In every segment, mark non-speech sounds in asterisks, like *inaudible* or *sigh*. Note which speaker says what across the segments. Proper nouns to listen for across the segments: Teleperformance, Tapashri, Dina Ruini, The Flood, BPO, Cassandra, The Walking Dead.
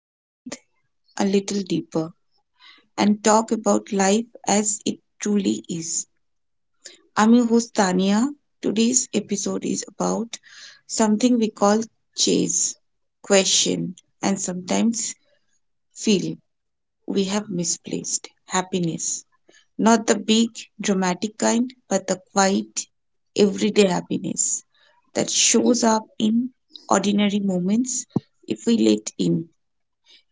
Speaker 1: Breathe a little deeper, and talk about life as it truly is. I'm your host, Tania. Today's episode is about something we call chase, question, and sometimes feel we have misplaced happiness. Not the big, dramatic kind, but the quiet, everyday happiness that shows up in ordinary moments if we let in.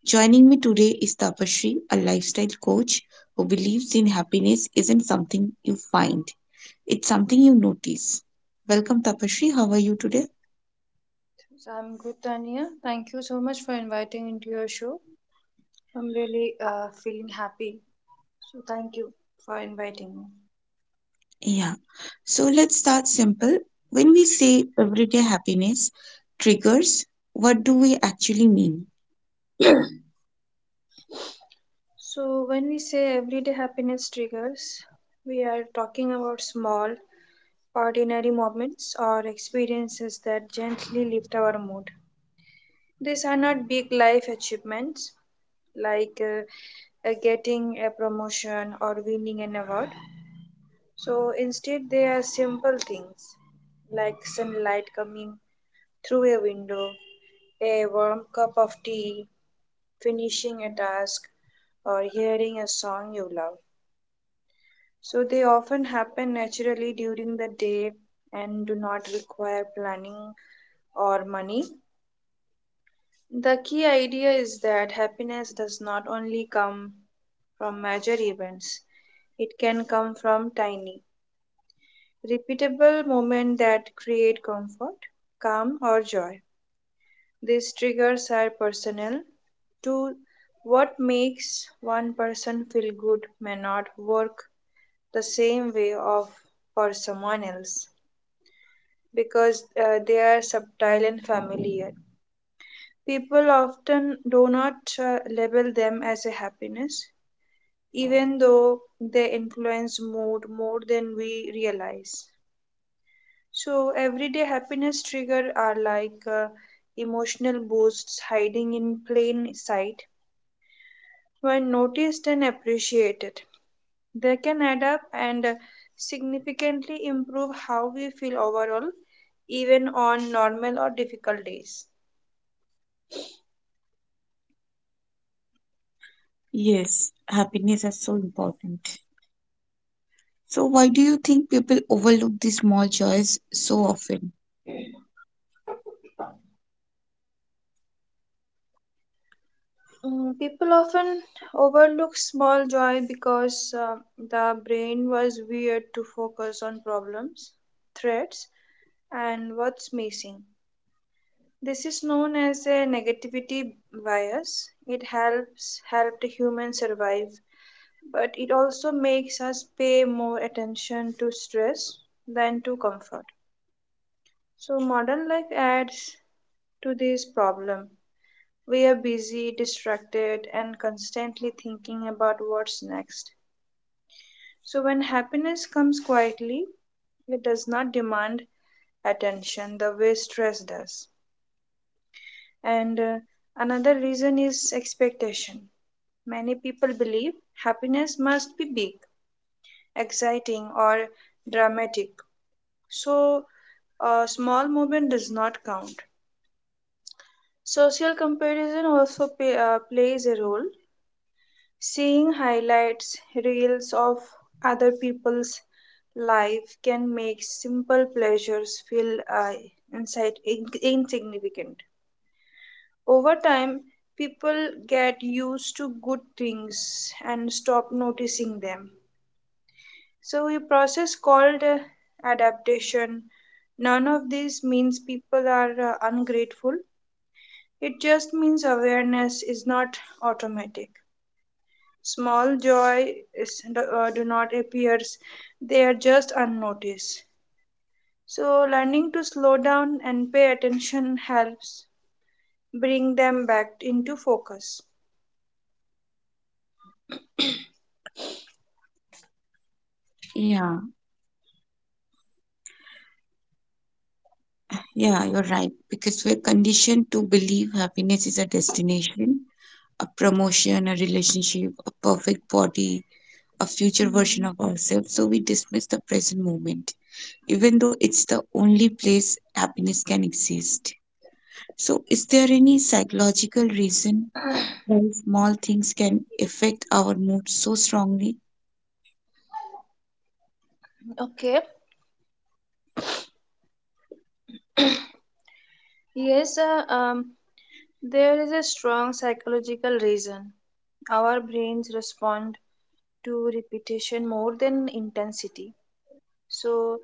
Speaker 1: Joining me today is Tapashri, a lifestyle coach who believes in happiness isn't something you find, it's something you notice. Welcome, Tapashri. How are you today?
Speaker 2: So I'm good, Tania. Thank you so much for inviting into your show. I'm really feeling happy. So thank you for inviting me.
Speaker 1: Yeah. So let's start simple. When we say everyday happiness triggers, what do we actually mean?
Speaker 2: So when we say everyday happiness triggers, we are talking about small, ordinary moments or experiences that gently lift our mood. These are not big life achievements like getting a promotion or winning an award. So instead, they are simple things like sunlight coming through a window, a warm cup of tea, finishing a task, or hearing a song you love. So they often happen naturally during the day and do not require planning or money. The key idea is that happiness does not only come from major events, it can come from tiny, repeatable moments that create comfort, calm, or joy. These triggers are personal to what makes one person feel good may not work the same way of for someone else because they are subtle and familiar. People often do not label them as a happiness, even though they influence mood more than we realize. So everyday happiness triggers are like emotional boosts hiding in plain sight when noticed and appreciated. They can add up and significantly improve how we feel overall, even on normal or difficult days.
Speaker 1: Yes, happiness is so important. So, why do you think people overlook these small joys so often?
Speaker 2: People often overlook small joy because the brain was wired to focus on problems, threats, and what's missing. This is known as a negativity bias. It helps helped humans survive, but it also makes us pay more attention to stress than to comfort. So modern life adds to this problem. We are busy, distracted, and constantly thinking about what's next. So when happiness comes quietly, it does not demand attention the way stress does. And another reason is expectation. Many people believe happiness must be big, exciting, or dramatic, so a small movement does not count. Social comparison plays a role. Seeing highlights, reels of other people's life can make simple pleasures feel insignificant. Over time, people get used to good things and stop noticing them. So, a process called adaptation. None of this means people are ungrateful. It just means awareness is not automatic. Small joy do not appears. They are just unnoticed. So, learning to slow down and pay attention helps bring them back into focus.
Speaker 1: Yeah, yeah, you're right. Because we're conditioned to believe happiness is a destination, a promotion, a relationship, a perfect body, a future version
Speaker 2: Hmm.
Speaker 1: of ourselves. So, we dismiss the present moment, even though it's the only place happiness can exist. So, is there any psychological reason why small things can affect our mood so strongly?
Speaker 2: Okay. Yes, there is a strong psychological reason. Our brains respond to repetition more than intensity. So,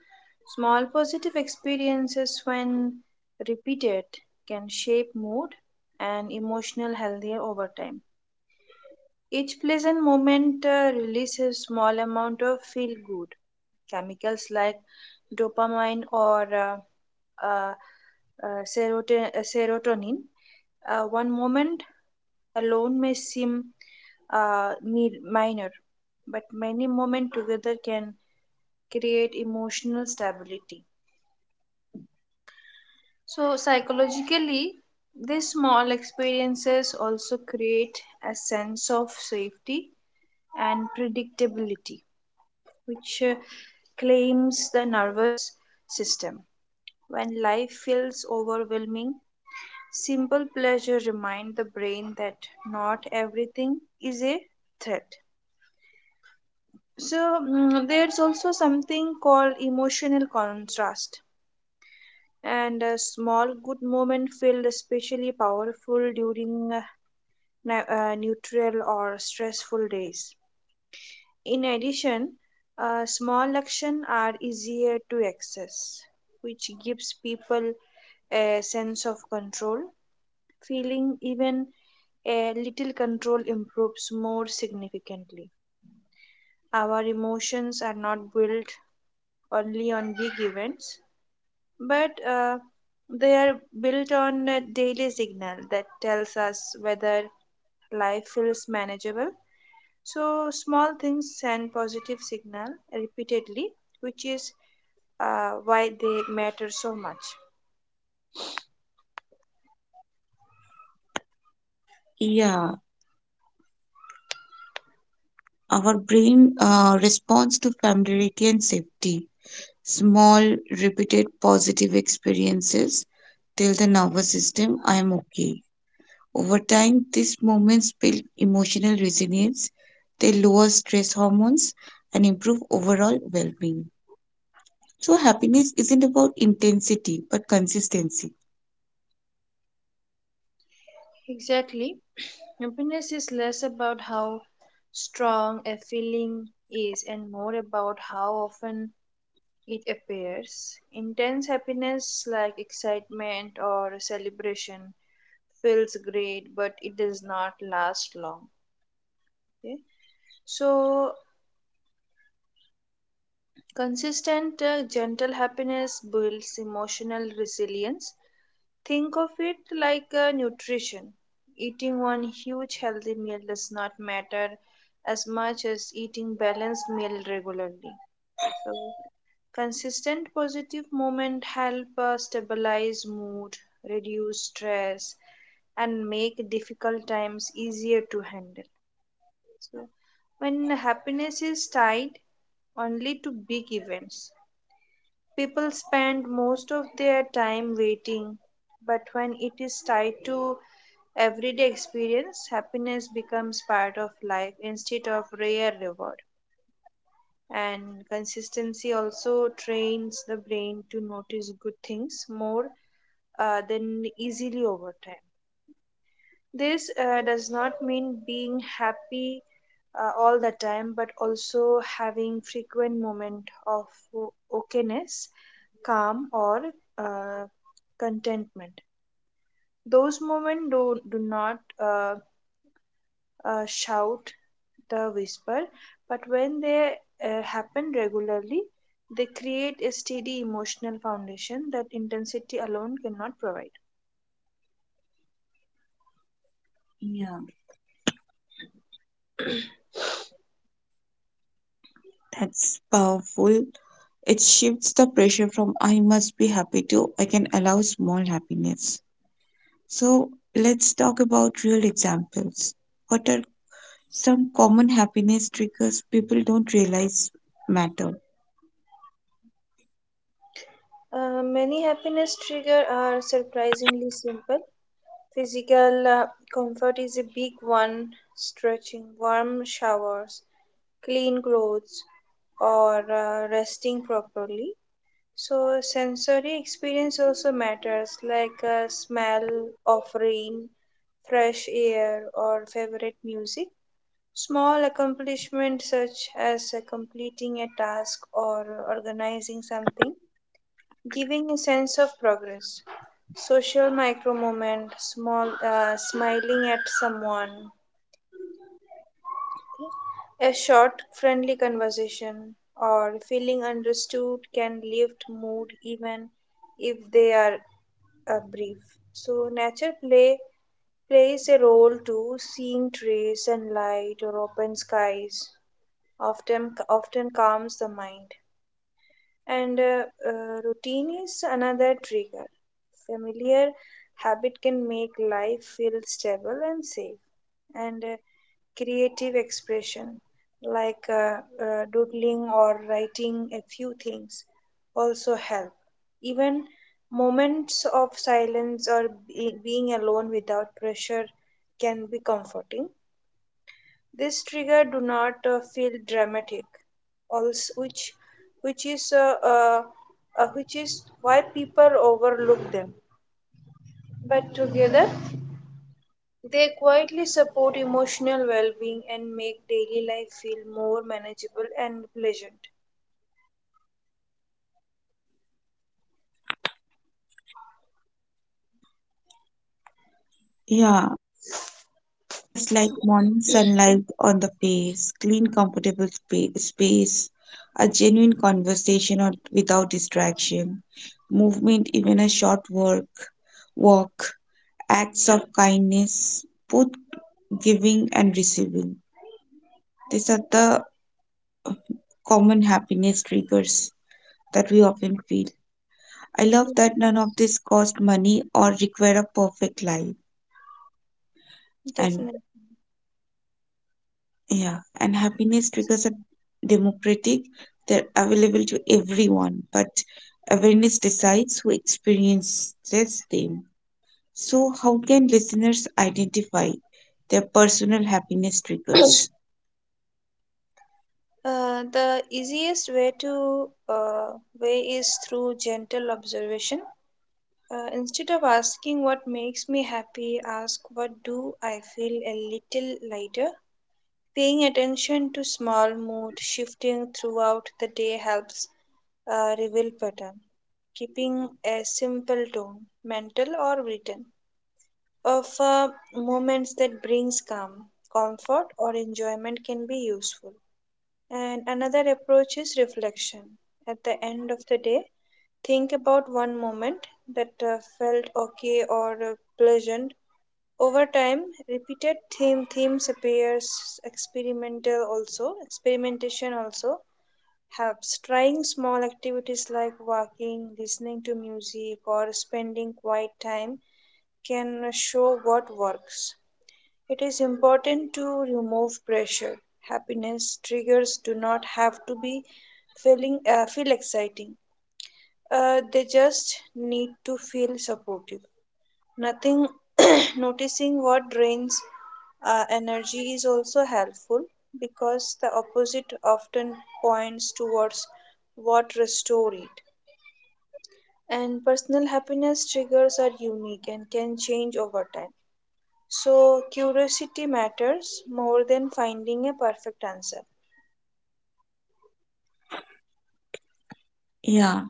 Speaker 2: small positive experiences, when repeated, can shape mood and emotional healthier over time. Each pleasant moment releases small amount of feel good chemicals like dopamine or uh, serotonin. One moment alone may seem minor, but many moments together can create emotional stability. So, psychologically, these small experiences also create a sense of safety and predictability, which claims the nervous system. When life feels overwhelming, simple pleasure remind the brain that not everything is a threat. So there's also something called emotional contrast and a small good moment feel especially powerful during neutral or stressful days. In addition, small actions are easier to access, which gives people a sense of control. Feeling even a little control improves more significantly. Our emotions are not built only on big events, but they are built on a daily signal that tells us whether life feels manageable. So small things send positive signal repeatedly, which is why they matter so much.
Speaker 1: Yeah, our brain responds to familiarity and safety. Small, repeated positive experiences tell the nervous system, I am okay. Over time, these moments build emotional resilience, they lower stress hormones, and improve overall well being. So, happiness isn't about intensity but consistency.
Speaker 2: Exactly. Happiness is less about how strong a feeling is and more about how often it appears. Intense happiness like excitement or celebration feels great but it does not last long, okay, so consistent gentle happiness builds emotional resilience. Think of it like nutrition. Eating one huge healthy meal does not matter as much as eating balanced meal regularly. So consistent positive movement help stabilize mood, reduce stress, and make difficult times easier to handle. So, when happiness is tied only to big events, people spend most of their time waiting. But when it is tied to everyday experience, happiness becomes part of life instead of rare reward. And consistency also trains the brain to notice good things more than easily over time. This does not mean being happy all the time, but also having frequent moment of okayness, calm, or uh, contentment. Those moments do, do not shout the whisper, but when they happen regularly, they create a steady emotional foundation that intensity alone cannot provide.
Speaker 1: Yeah, that's powerful. It shifts the pressure from I must be happy to I can allow small happiness. So let's talk about real examples. What are some common happiness triggers people don't realize matter?
Speaker 2: Many happiness triggers are surprisingly simple. Physical comfort is a big one. Stretching, warm showers, clean clothes, or resting properly. So, sensory experience also matters, like smell of rain, fresh air, or favorite music. Small accomplishments such as completing a task or organizing something giving a sense of progress. Social micro moment, small smiling at someone, a short friendly conversation, or feeling understood can lift mood even if they are brief. So nature play plays a role too. Seeing trees, sunlight, or open skies often calms the mind. And routine is another trigger. Familiar habit can make life feel stable and safe. And creative expression, like doodling or writing a few things, also help. Even moments of silence or being alone without pressure can be comforting. This trigger do not feel dramatic, also which is uh, uh, which is why people overlook them. But together, they quietly support emotional well-being and make daily life feel more manageable and pleasant.
Speaker 1: Yeah, just like morning sunlight on the face, clean, comfortable space, a genuine conversation or without distraction, movement, even a short walk, acts of kindness, both giving and receiving. These are the common happiness triggers that we often feel. I love
Speaker 2: Yes,
Speaker 1: that none of this cost money or require a perfect life. And
Speaker 2: definitely.
Speaker 1: yeah, and happiness triggers are democratic, they're available to everyone, but awareness decides who experiences them. So, how can listeners identify their personal happiness triggers?
Speaker 2: The easiest way is through gentle observation. Instead of asking what makes me happy, ask what do I feel a little lighter. Paying attention to small mood shifting throughout the day helps reveal pattern. Keeping a simple tone, mental or written, of moments that brings calm, comfort or enjoyment can be useful. And another approach is reflection. At the end of the day, think about one moment that felt okay or pleasant. Over time, repeated theme themes appears. Experimental also Experimentation also helps. Trying small activities like walking, listening to music, or spending quiet time can show what works. It is important to remove pressure. Happiness triggers do not have to be feel exciting. They just need to feel supportive. Nothing *clears throat* noticing what drains energy is also helpful because the opposite often points towards what restores it. And personal happiness triggers are unique and can change over time. So, curiosity matters more than finding a perfect answer.
Speaker 1: Yeah.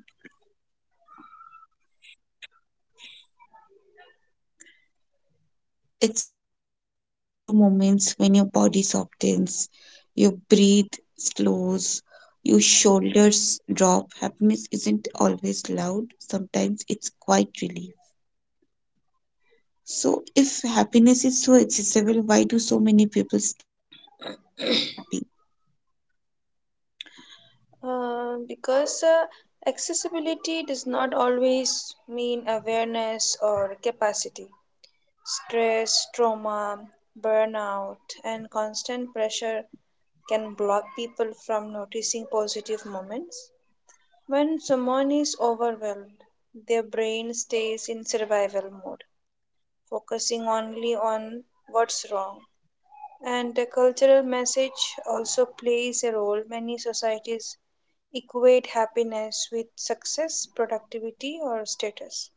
Speaker 1: It's like pay attention to moments when your body softens, your breathe slows, your shoulders drop. Happiness isn't always loud, sometimes it's quite relief. So, if happiness is so accessible, why do so many people still feel unhappy?
Speaker 2: Because accessibility does not always mean awareness or capacity. Stress, trauma, burnout, and constant pressure can block people from noticing positive moments. When someone is overwhelmed, their brain stays in survival mode, focusing only on what's wrong. And the cultural message also plays a role. Many societies equate happiness with success, productivity, or status,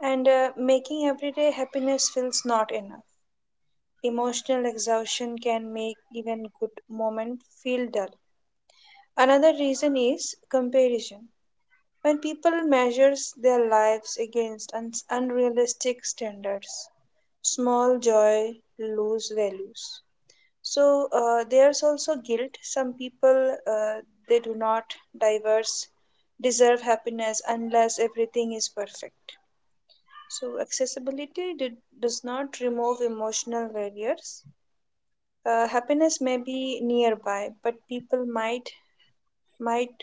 Speaker 2: and making everyday happiness feels not enough. Emotional exhaustion can make even good moments feel dull. Another reason is comparison. When people measure their lives against unrealistic standards, small joy lose values. So there's also guilt. Some people they do not diverse deserve happiness unless everything is perfect. So does not remove emotional barriers, happiness may be nearby but people might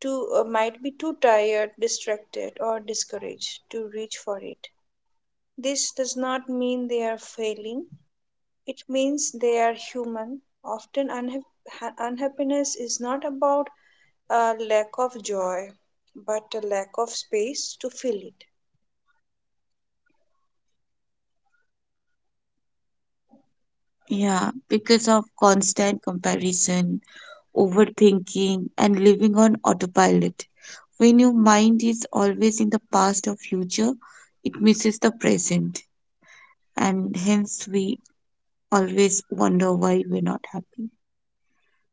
Speaker 2: might be too tired distracted or discouraged to reach for it. This does not mean they are failing, it means they are human. Unhappiness is not about a lack of joy but a lack of space to feel
Speaker 1: Yeah, because of constant comparison, overthinking, and living on autopilot. When your mind is always in the past or future, it misses the present. And hence we always wonder why we're not happy.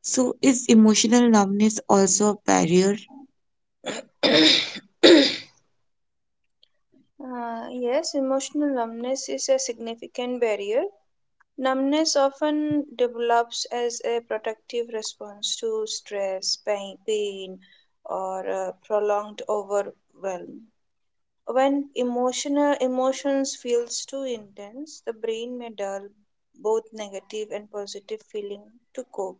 Speaker 1: So, is emotional numbness also a barrier?
Speaker 2: it. *coughs* Yes, emotional numbness is a significant barrier. Numbness often develops as a protective response to stress, pain or prolonged overwhelm. When emotional emotions feels too intense, the brain may dull both negative and positive feeling to cope.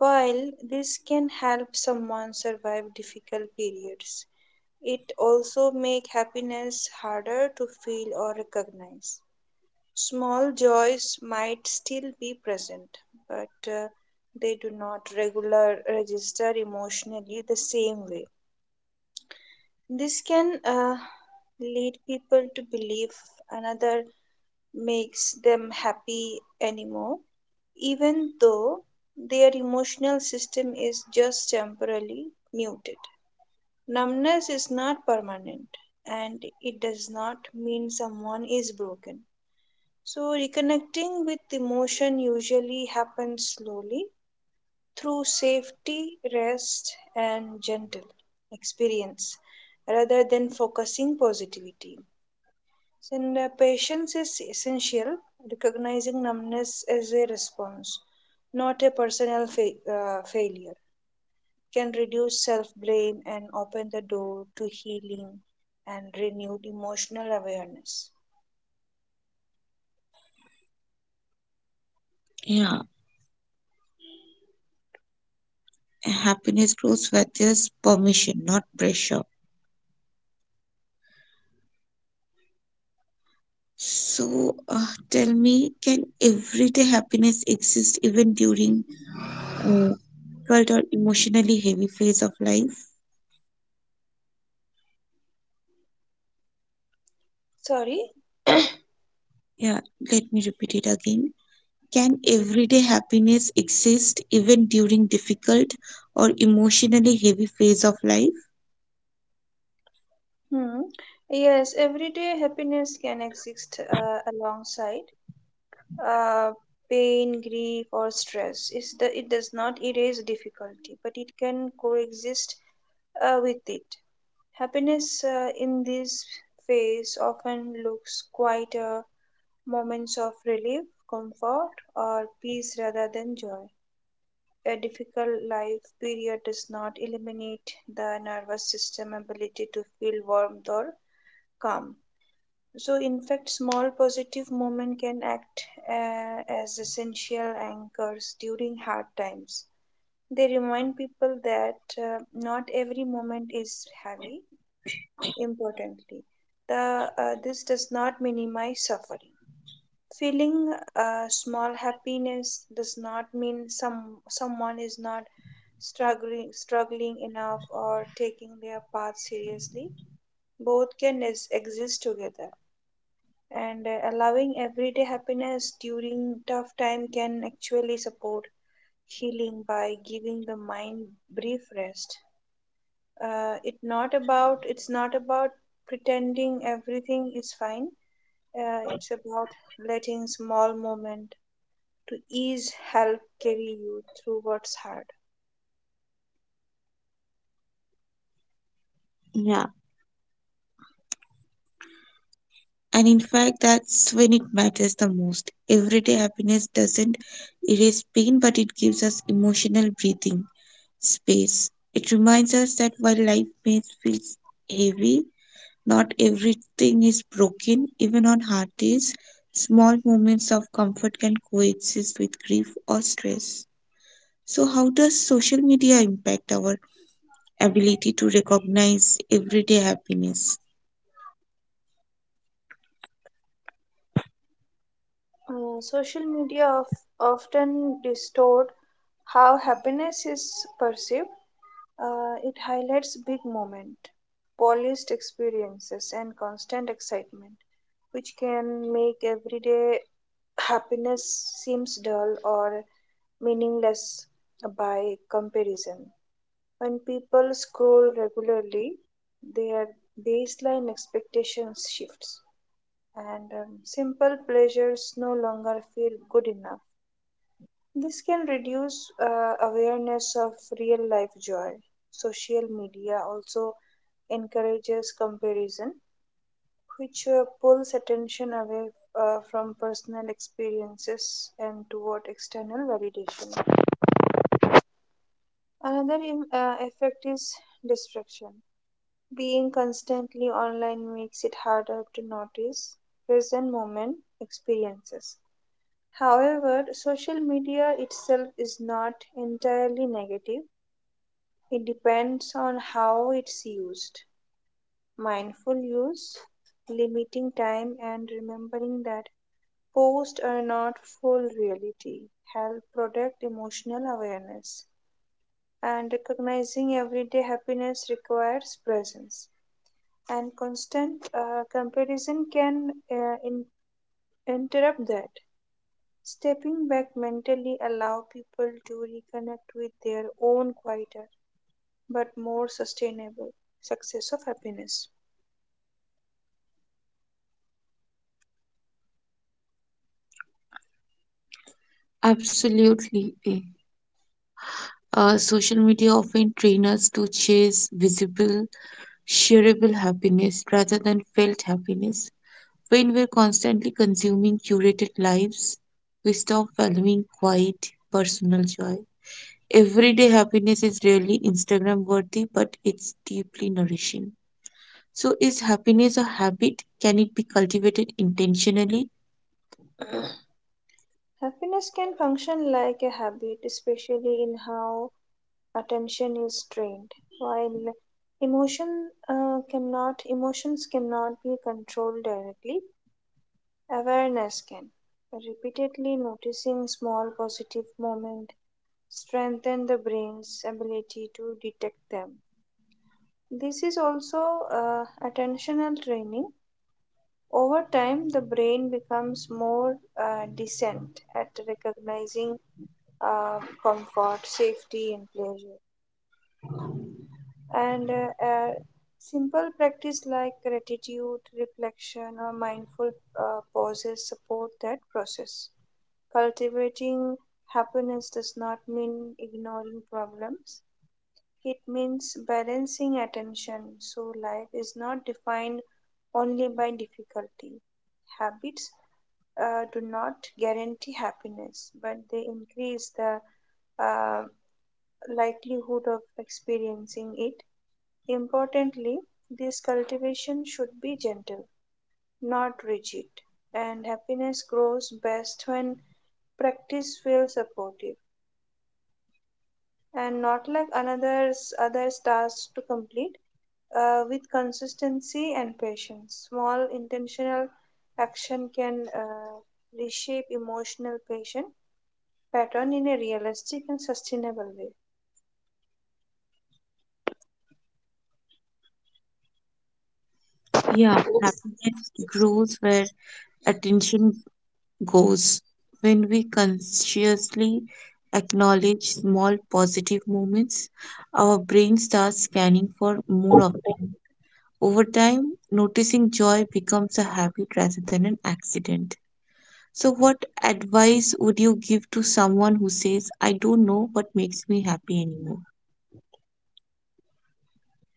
Speaker 2: While this can help someone survive difficult periods, it also make happiness harder to feel or recognize. Small joys might still be present, but they do not regular register emotionally the same way. This can lead people to believe another makes them happy anymore, even though their emotional system is just temporarily muted. Numbness is not permanent and it does not mean someone is broken. So, reconnecting with emotion usually happens slowly through safety, rest, and gentle experience rather than focusing positivity. And patience is essential, recognizing numbness as a response, not a personal failure, can reduce self blame and open the door to healing and renewed emotional awareness.
Speaker 1: Yeah, happiness grows where there's permission, not pressure. So, tell me, can everyday happiness exist even during mm, difficult or emotionally heavy phase of life?
Speaker 2: Sorry.
Speaker 1: Yeah, let me repeat it again. Can everyday happiness exist even during difficult or emotionally heavy phase of life?
Speaker 2: Hmm. Yes, everyday happiness can exist alongside uh, pain, grief, or stress. It does not erase difficulty, but it can coexist with it. Happiness in this phase often looks quieter, moments of relief, comfort, or peace rather than joy. A difficult life period does not eliminate the nervous system ability to feel warmth or calm. So, in fact, small positive moments can act as essential anchors during hard times. They remind people that not every moment is heavy. Importantly, this does not minimize suffering. Feeling small happiness does not mean someone is not struggling enough or taking their path seriously. Exist together. And allowing everyday happiness during tough time can actually support healing by giving the mind brief rest. It's not about pretending everything is fine. It's about letting small moment to ease help carry you through what's hard.
Speaker 1: Yeah, and in fact, that's when it matters the most. Everyday happiness doesn't erase pain, but it gives us emotional breathing space. It reminds us that while life may feel heavy, not everything is broken. Even on hard days, small moments of comfort can coexist with grief or stress. So, how does social media impact our ability to recognize everyday happiness?
Speaker 2: Social media often distort how happiness is perceived. It highlights big moment, polished experiences, and constant excitement, which can make everyday happiness seems dull or meaningless by comparison. When people scroll regularly, their baseline expectations shifts, and simple pleasures no longer feel good enough. This can reduce awareness of real life joy. Social media also encourages comparison, which pulls attention away from personal experiences and toward external validation. Another effect is distraction. Being constantly online makes it harder to notice present moment experiences. However, social media itself is not entirely negative. It depends on how it's used. Mindful use, limiting time, and remembering that posts are not full reality help protect emotional awareness. And recognizing everyday happiness requires presence, and constant comparison can interrupt that. Stepping back mentally allow people to reconnect with their own quieter but more sustainable success of happiness.
Speaker 1: Absolutely. Social media often train us to chase visible, shareable happiness rather than felt happiness. When we're constantly consuming curated lives, we stop valuing quiet, personal joy. Everyday happiness is rarely Instagram worthy, but it's deeply nourishing. So, is happiness a habit? Can it be cultivated intentionally?
Speaker 2: Happiness can function like a habit, especially in how attention is trained. While emotion emotions cannot be controlled directly, awareness can. Repeatedly noticing small positive moments strengthen the brain's ability to detect them. This is also attentional training. Over time, the brain becomes more decent at recognizing comfort, safety, and pleasure. And simple practice like gratitude, reflection, or mindful pauses support that process. Cultivating happiness does not mean ignoring problems. It means balancing attention. So life is not defined only by difficulty. Habits do not guarantee happiness, but they increase the uh. likelihood of experiencing it. Importantly, this cultivation should be gentle, not rigid, and happiness grows best when practice feels supportive and not like another's other tasks to complete. With consistency and patience small intentional action can reshape emotional patient pattern in a realistic and sustainable way.
Speaker 1: Yeah, happiness grows where attention goes. When we consciously acknowledge small positive moments, our brain starts scanning for more of them. Over time, noticing joy becomes a habit rather than an accident. So what advice would you give to someone who says I don't know what makes me happy anymore?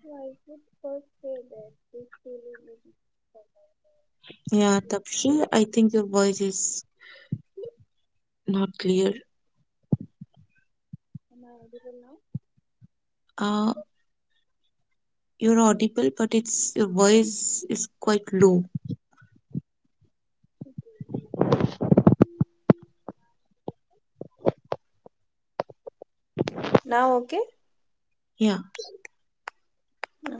Speaker 2: So I would first say that this feeling is.
Speaker 1: Yeah, Tapshri, I think your voice is not clear.
Speaker 2: Am I audible
Speaker 1: Uh, you're audible, but it's your voice is quite low.
Speaker 2: now? Now okay?
Speaker 1: Yeah.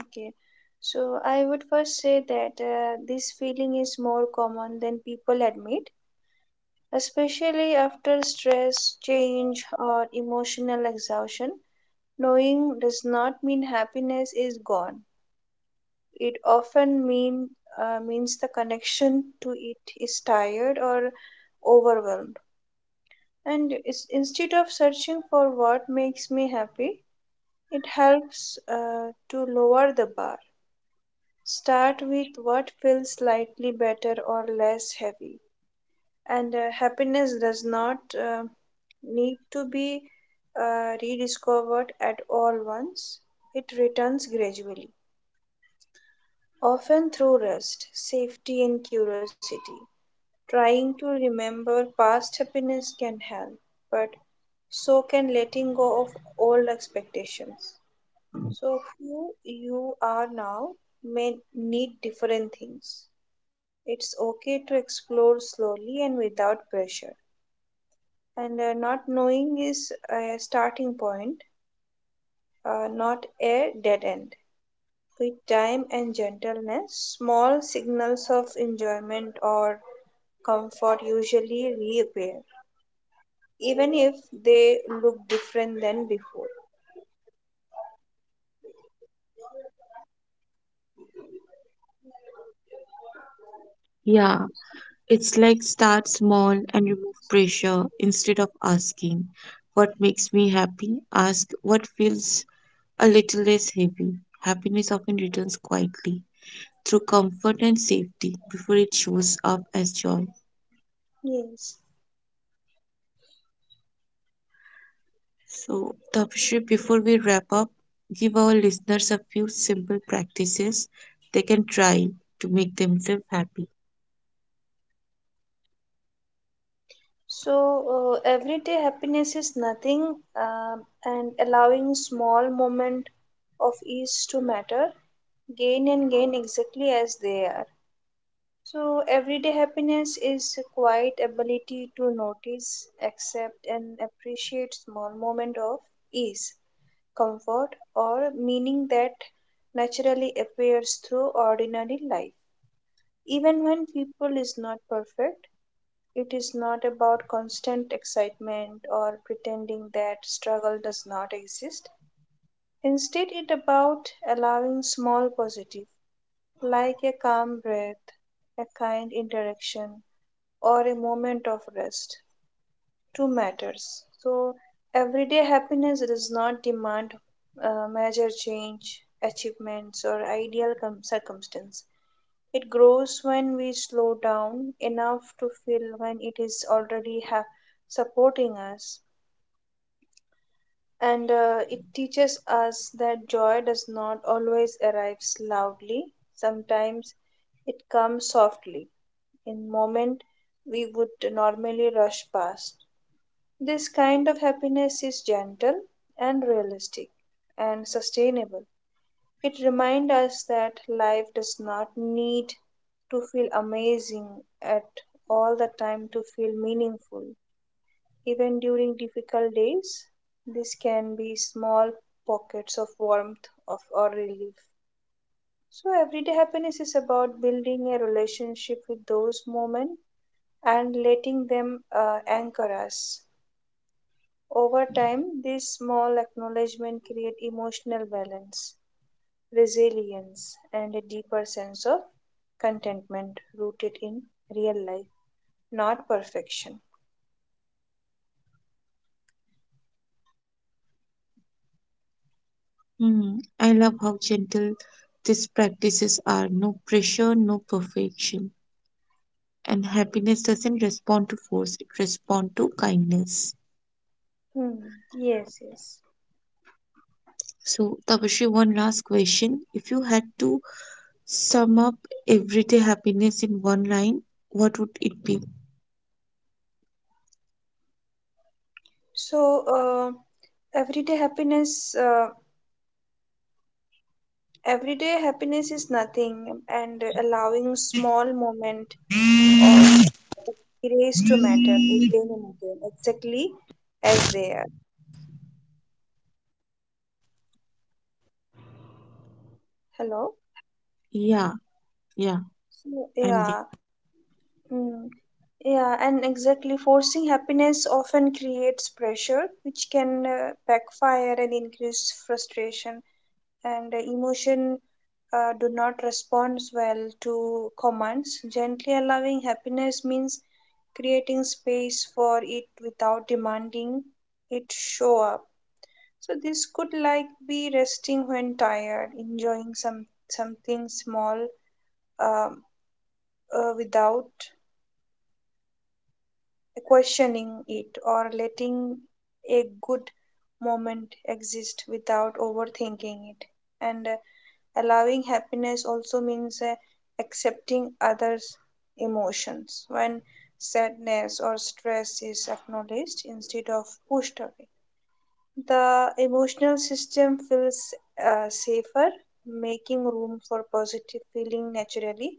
Speaker 2: Okay. So I would first say that this feeling is more common than people admit, especially after stress, change, or emotional exhaustion. Knowing does not mean happiness is gone. It often means the connection to it is tired or overwhelmed. Instead of searching for what makes me happy, it helps to lower the bar. Start with what feels slightly better or less heavy. And happiness does not uh, need to be rediscovered at all once, it returns gradually, often through rest, safety, and curiosity. Trying to remember past happiness can help, but so can letting go of old expectations. So, who you are now may need different things. It's okay to explore slowly and without pressure. And not knowing is a starting point, not a dead end. With time and gentleness, small signals of enjoyment or comfort usually reappear, even if they look different than before.
Speaker 1: Yeah, it's like start small and remove pressure. Instead of asking what makes me happy, ask what feels a little less heavy. Happiness often returns quietly through comfort and safety before it shows up as joy.
Speaker 2: Yes.
Speaker 1: So, Tapashri, before we wrap up, give our listeners a few simple practices they can try to make themselves happy.
Speaker 2: So, everyday happiness is nothing, and allowing small moment of ease to matter, gain and gain exactly as they are. So, everyday happiness is a quiet ability to notice, accept, and appreciate small moment of ease, comfort, or meaning that naturally appears through ordinary life, even when people is not perfect. It is not about constant excitement or pretending that struggle does not exist. Instead it about allowing small positive, like a calm breath, a kind interaction, or a moment of rest, to matters. So everyday happiness does not demand major change achievements or ideal circumstance. It grows when we slow down enough to feel when it is already supporting us. And it teaches us that joy does not always arrive loudly. Sometimes it comes softly, in moment we would normally rush past. This kind of happiness is gentle and realistic and sustainable. It reminds us that life does not need to feel amazing at all the time to feel meaningful. Even during difficult days, this can be small pockets of warmth of or relief. So everyday happiness is about building a relationship with those moments and letting them anchor us. Over time, this small acknowledgement create emotional balance, resilience, and a deeper sense of contentment rooted in real life, not perfection.
Speaker 1: Hmm, I love how gentle these practices are. No pressure, no perfection, and happiness doesn't respond to force, it responds to kindness.
Speaker 2: Hmm. Yes, yes.
Speaker 1: So Tapashi, one last question, if you had to sum up everyday happiness in one line, what would it be?
Speaker 2: So, uh, everyday happiness, uh, everyday happiness is nothing, and allowing small moment of grace to matter again and again, exactly as they are. Hello?
Speaker 1: Yeah, yeah, I'm.
Speaker 2: So, yeah. Mm. Yeah, and exactly. Forcing happiness often creates pressure, which can backfire and increase frustration. And emotion do not respond well to commands. Gently allowing happiness means creating space for it without demanding it show up. So this could like be resting when tired, enjoying something small, um, without questioning it or letting a good moment exist without overthinking it. And allowing happiness also means accepting others emotions. When sadness or stress is acknowledged instead of pushed away, the emotional system feels safer, making room for positive feeling naturally,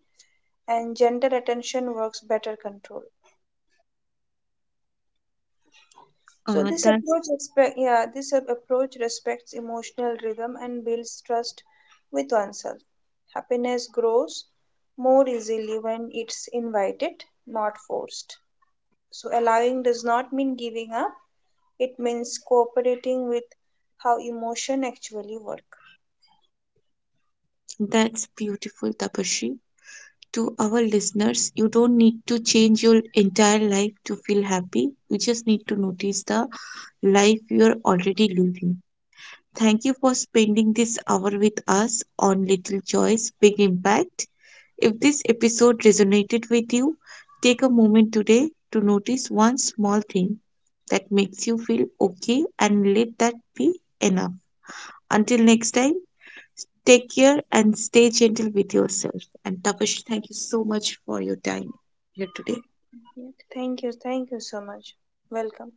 Speaker 2: and gentle attention works better control. So this
Speaker 1: That's
Speaker 2: approach expect yeah this ap- approach respects emotional rhythm and builds trust with oneself. Happiness grows more easily when it's invited, not forced. So allowing does not mean giving up. It means cooperating with how emotion actually work.
Speaker 1: That's beautiful, Tapashri. To our listeners, you don't need to change your entire life to feel happy. You just need to notice the life you're already living. Thank you for spending this hour with us on Little Joy's Big Impact. If this episode resonated with you, take a moment today to notice one small thing that makes you feel okay and let that be enough. Until next time, take care and stay gentle with yourself. And Tapashri, thank you so much for your time here today.
Speaker 2: Yeah, thank you so much. Welcome.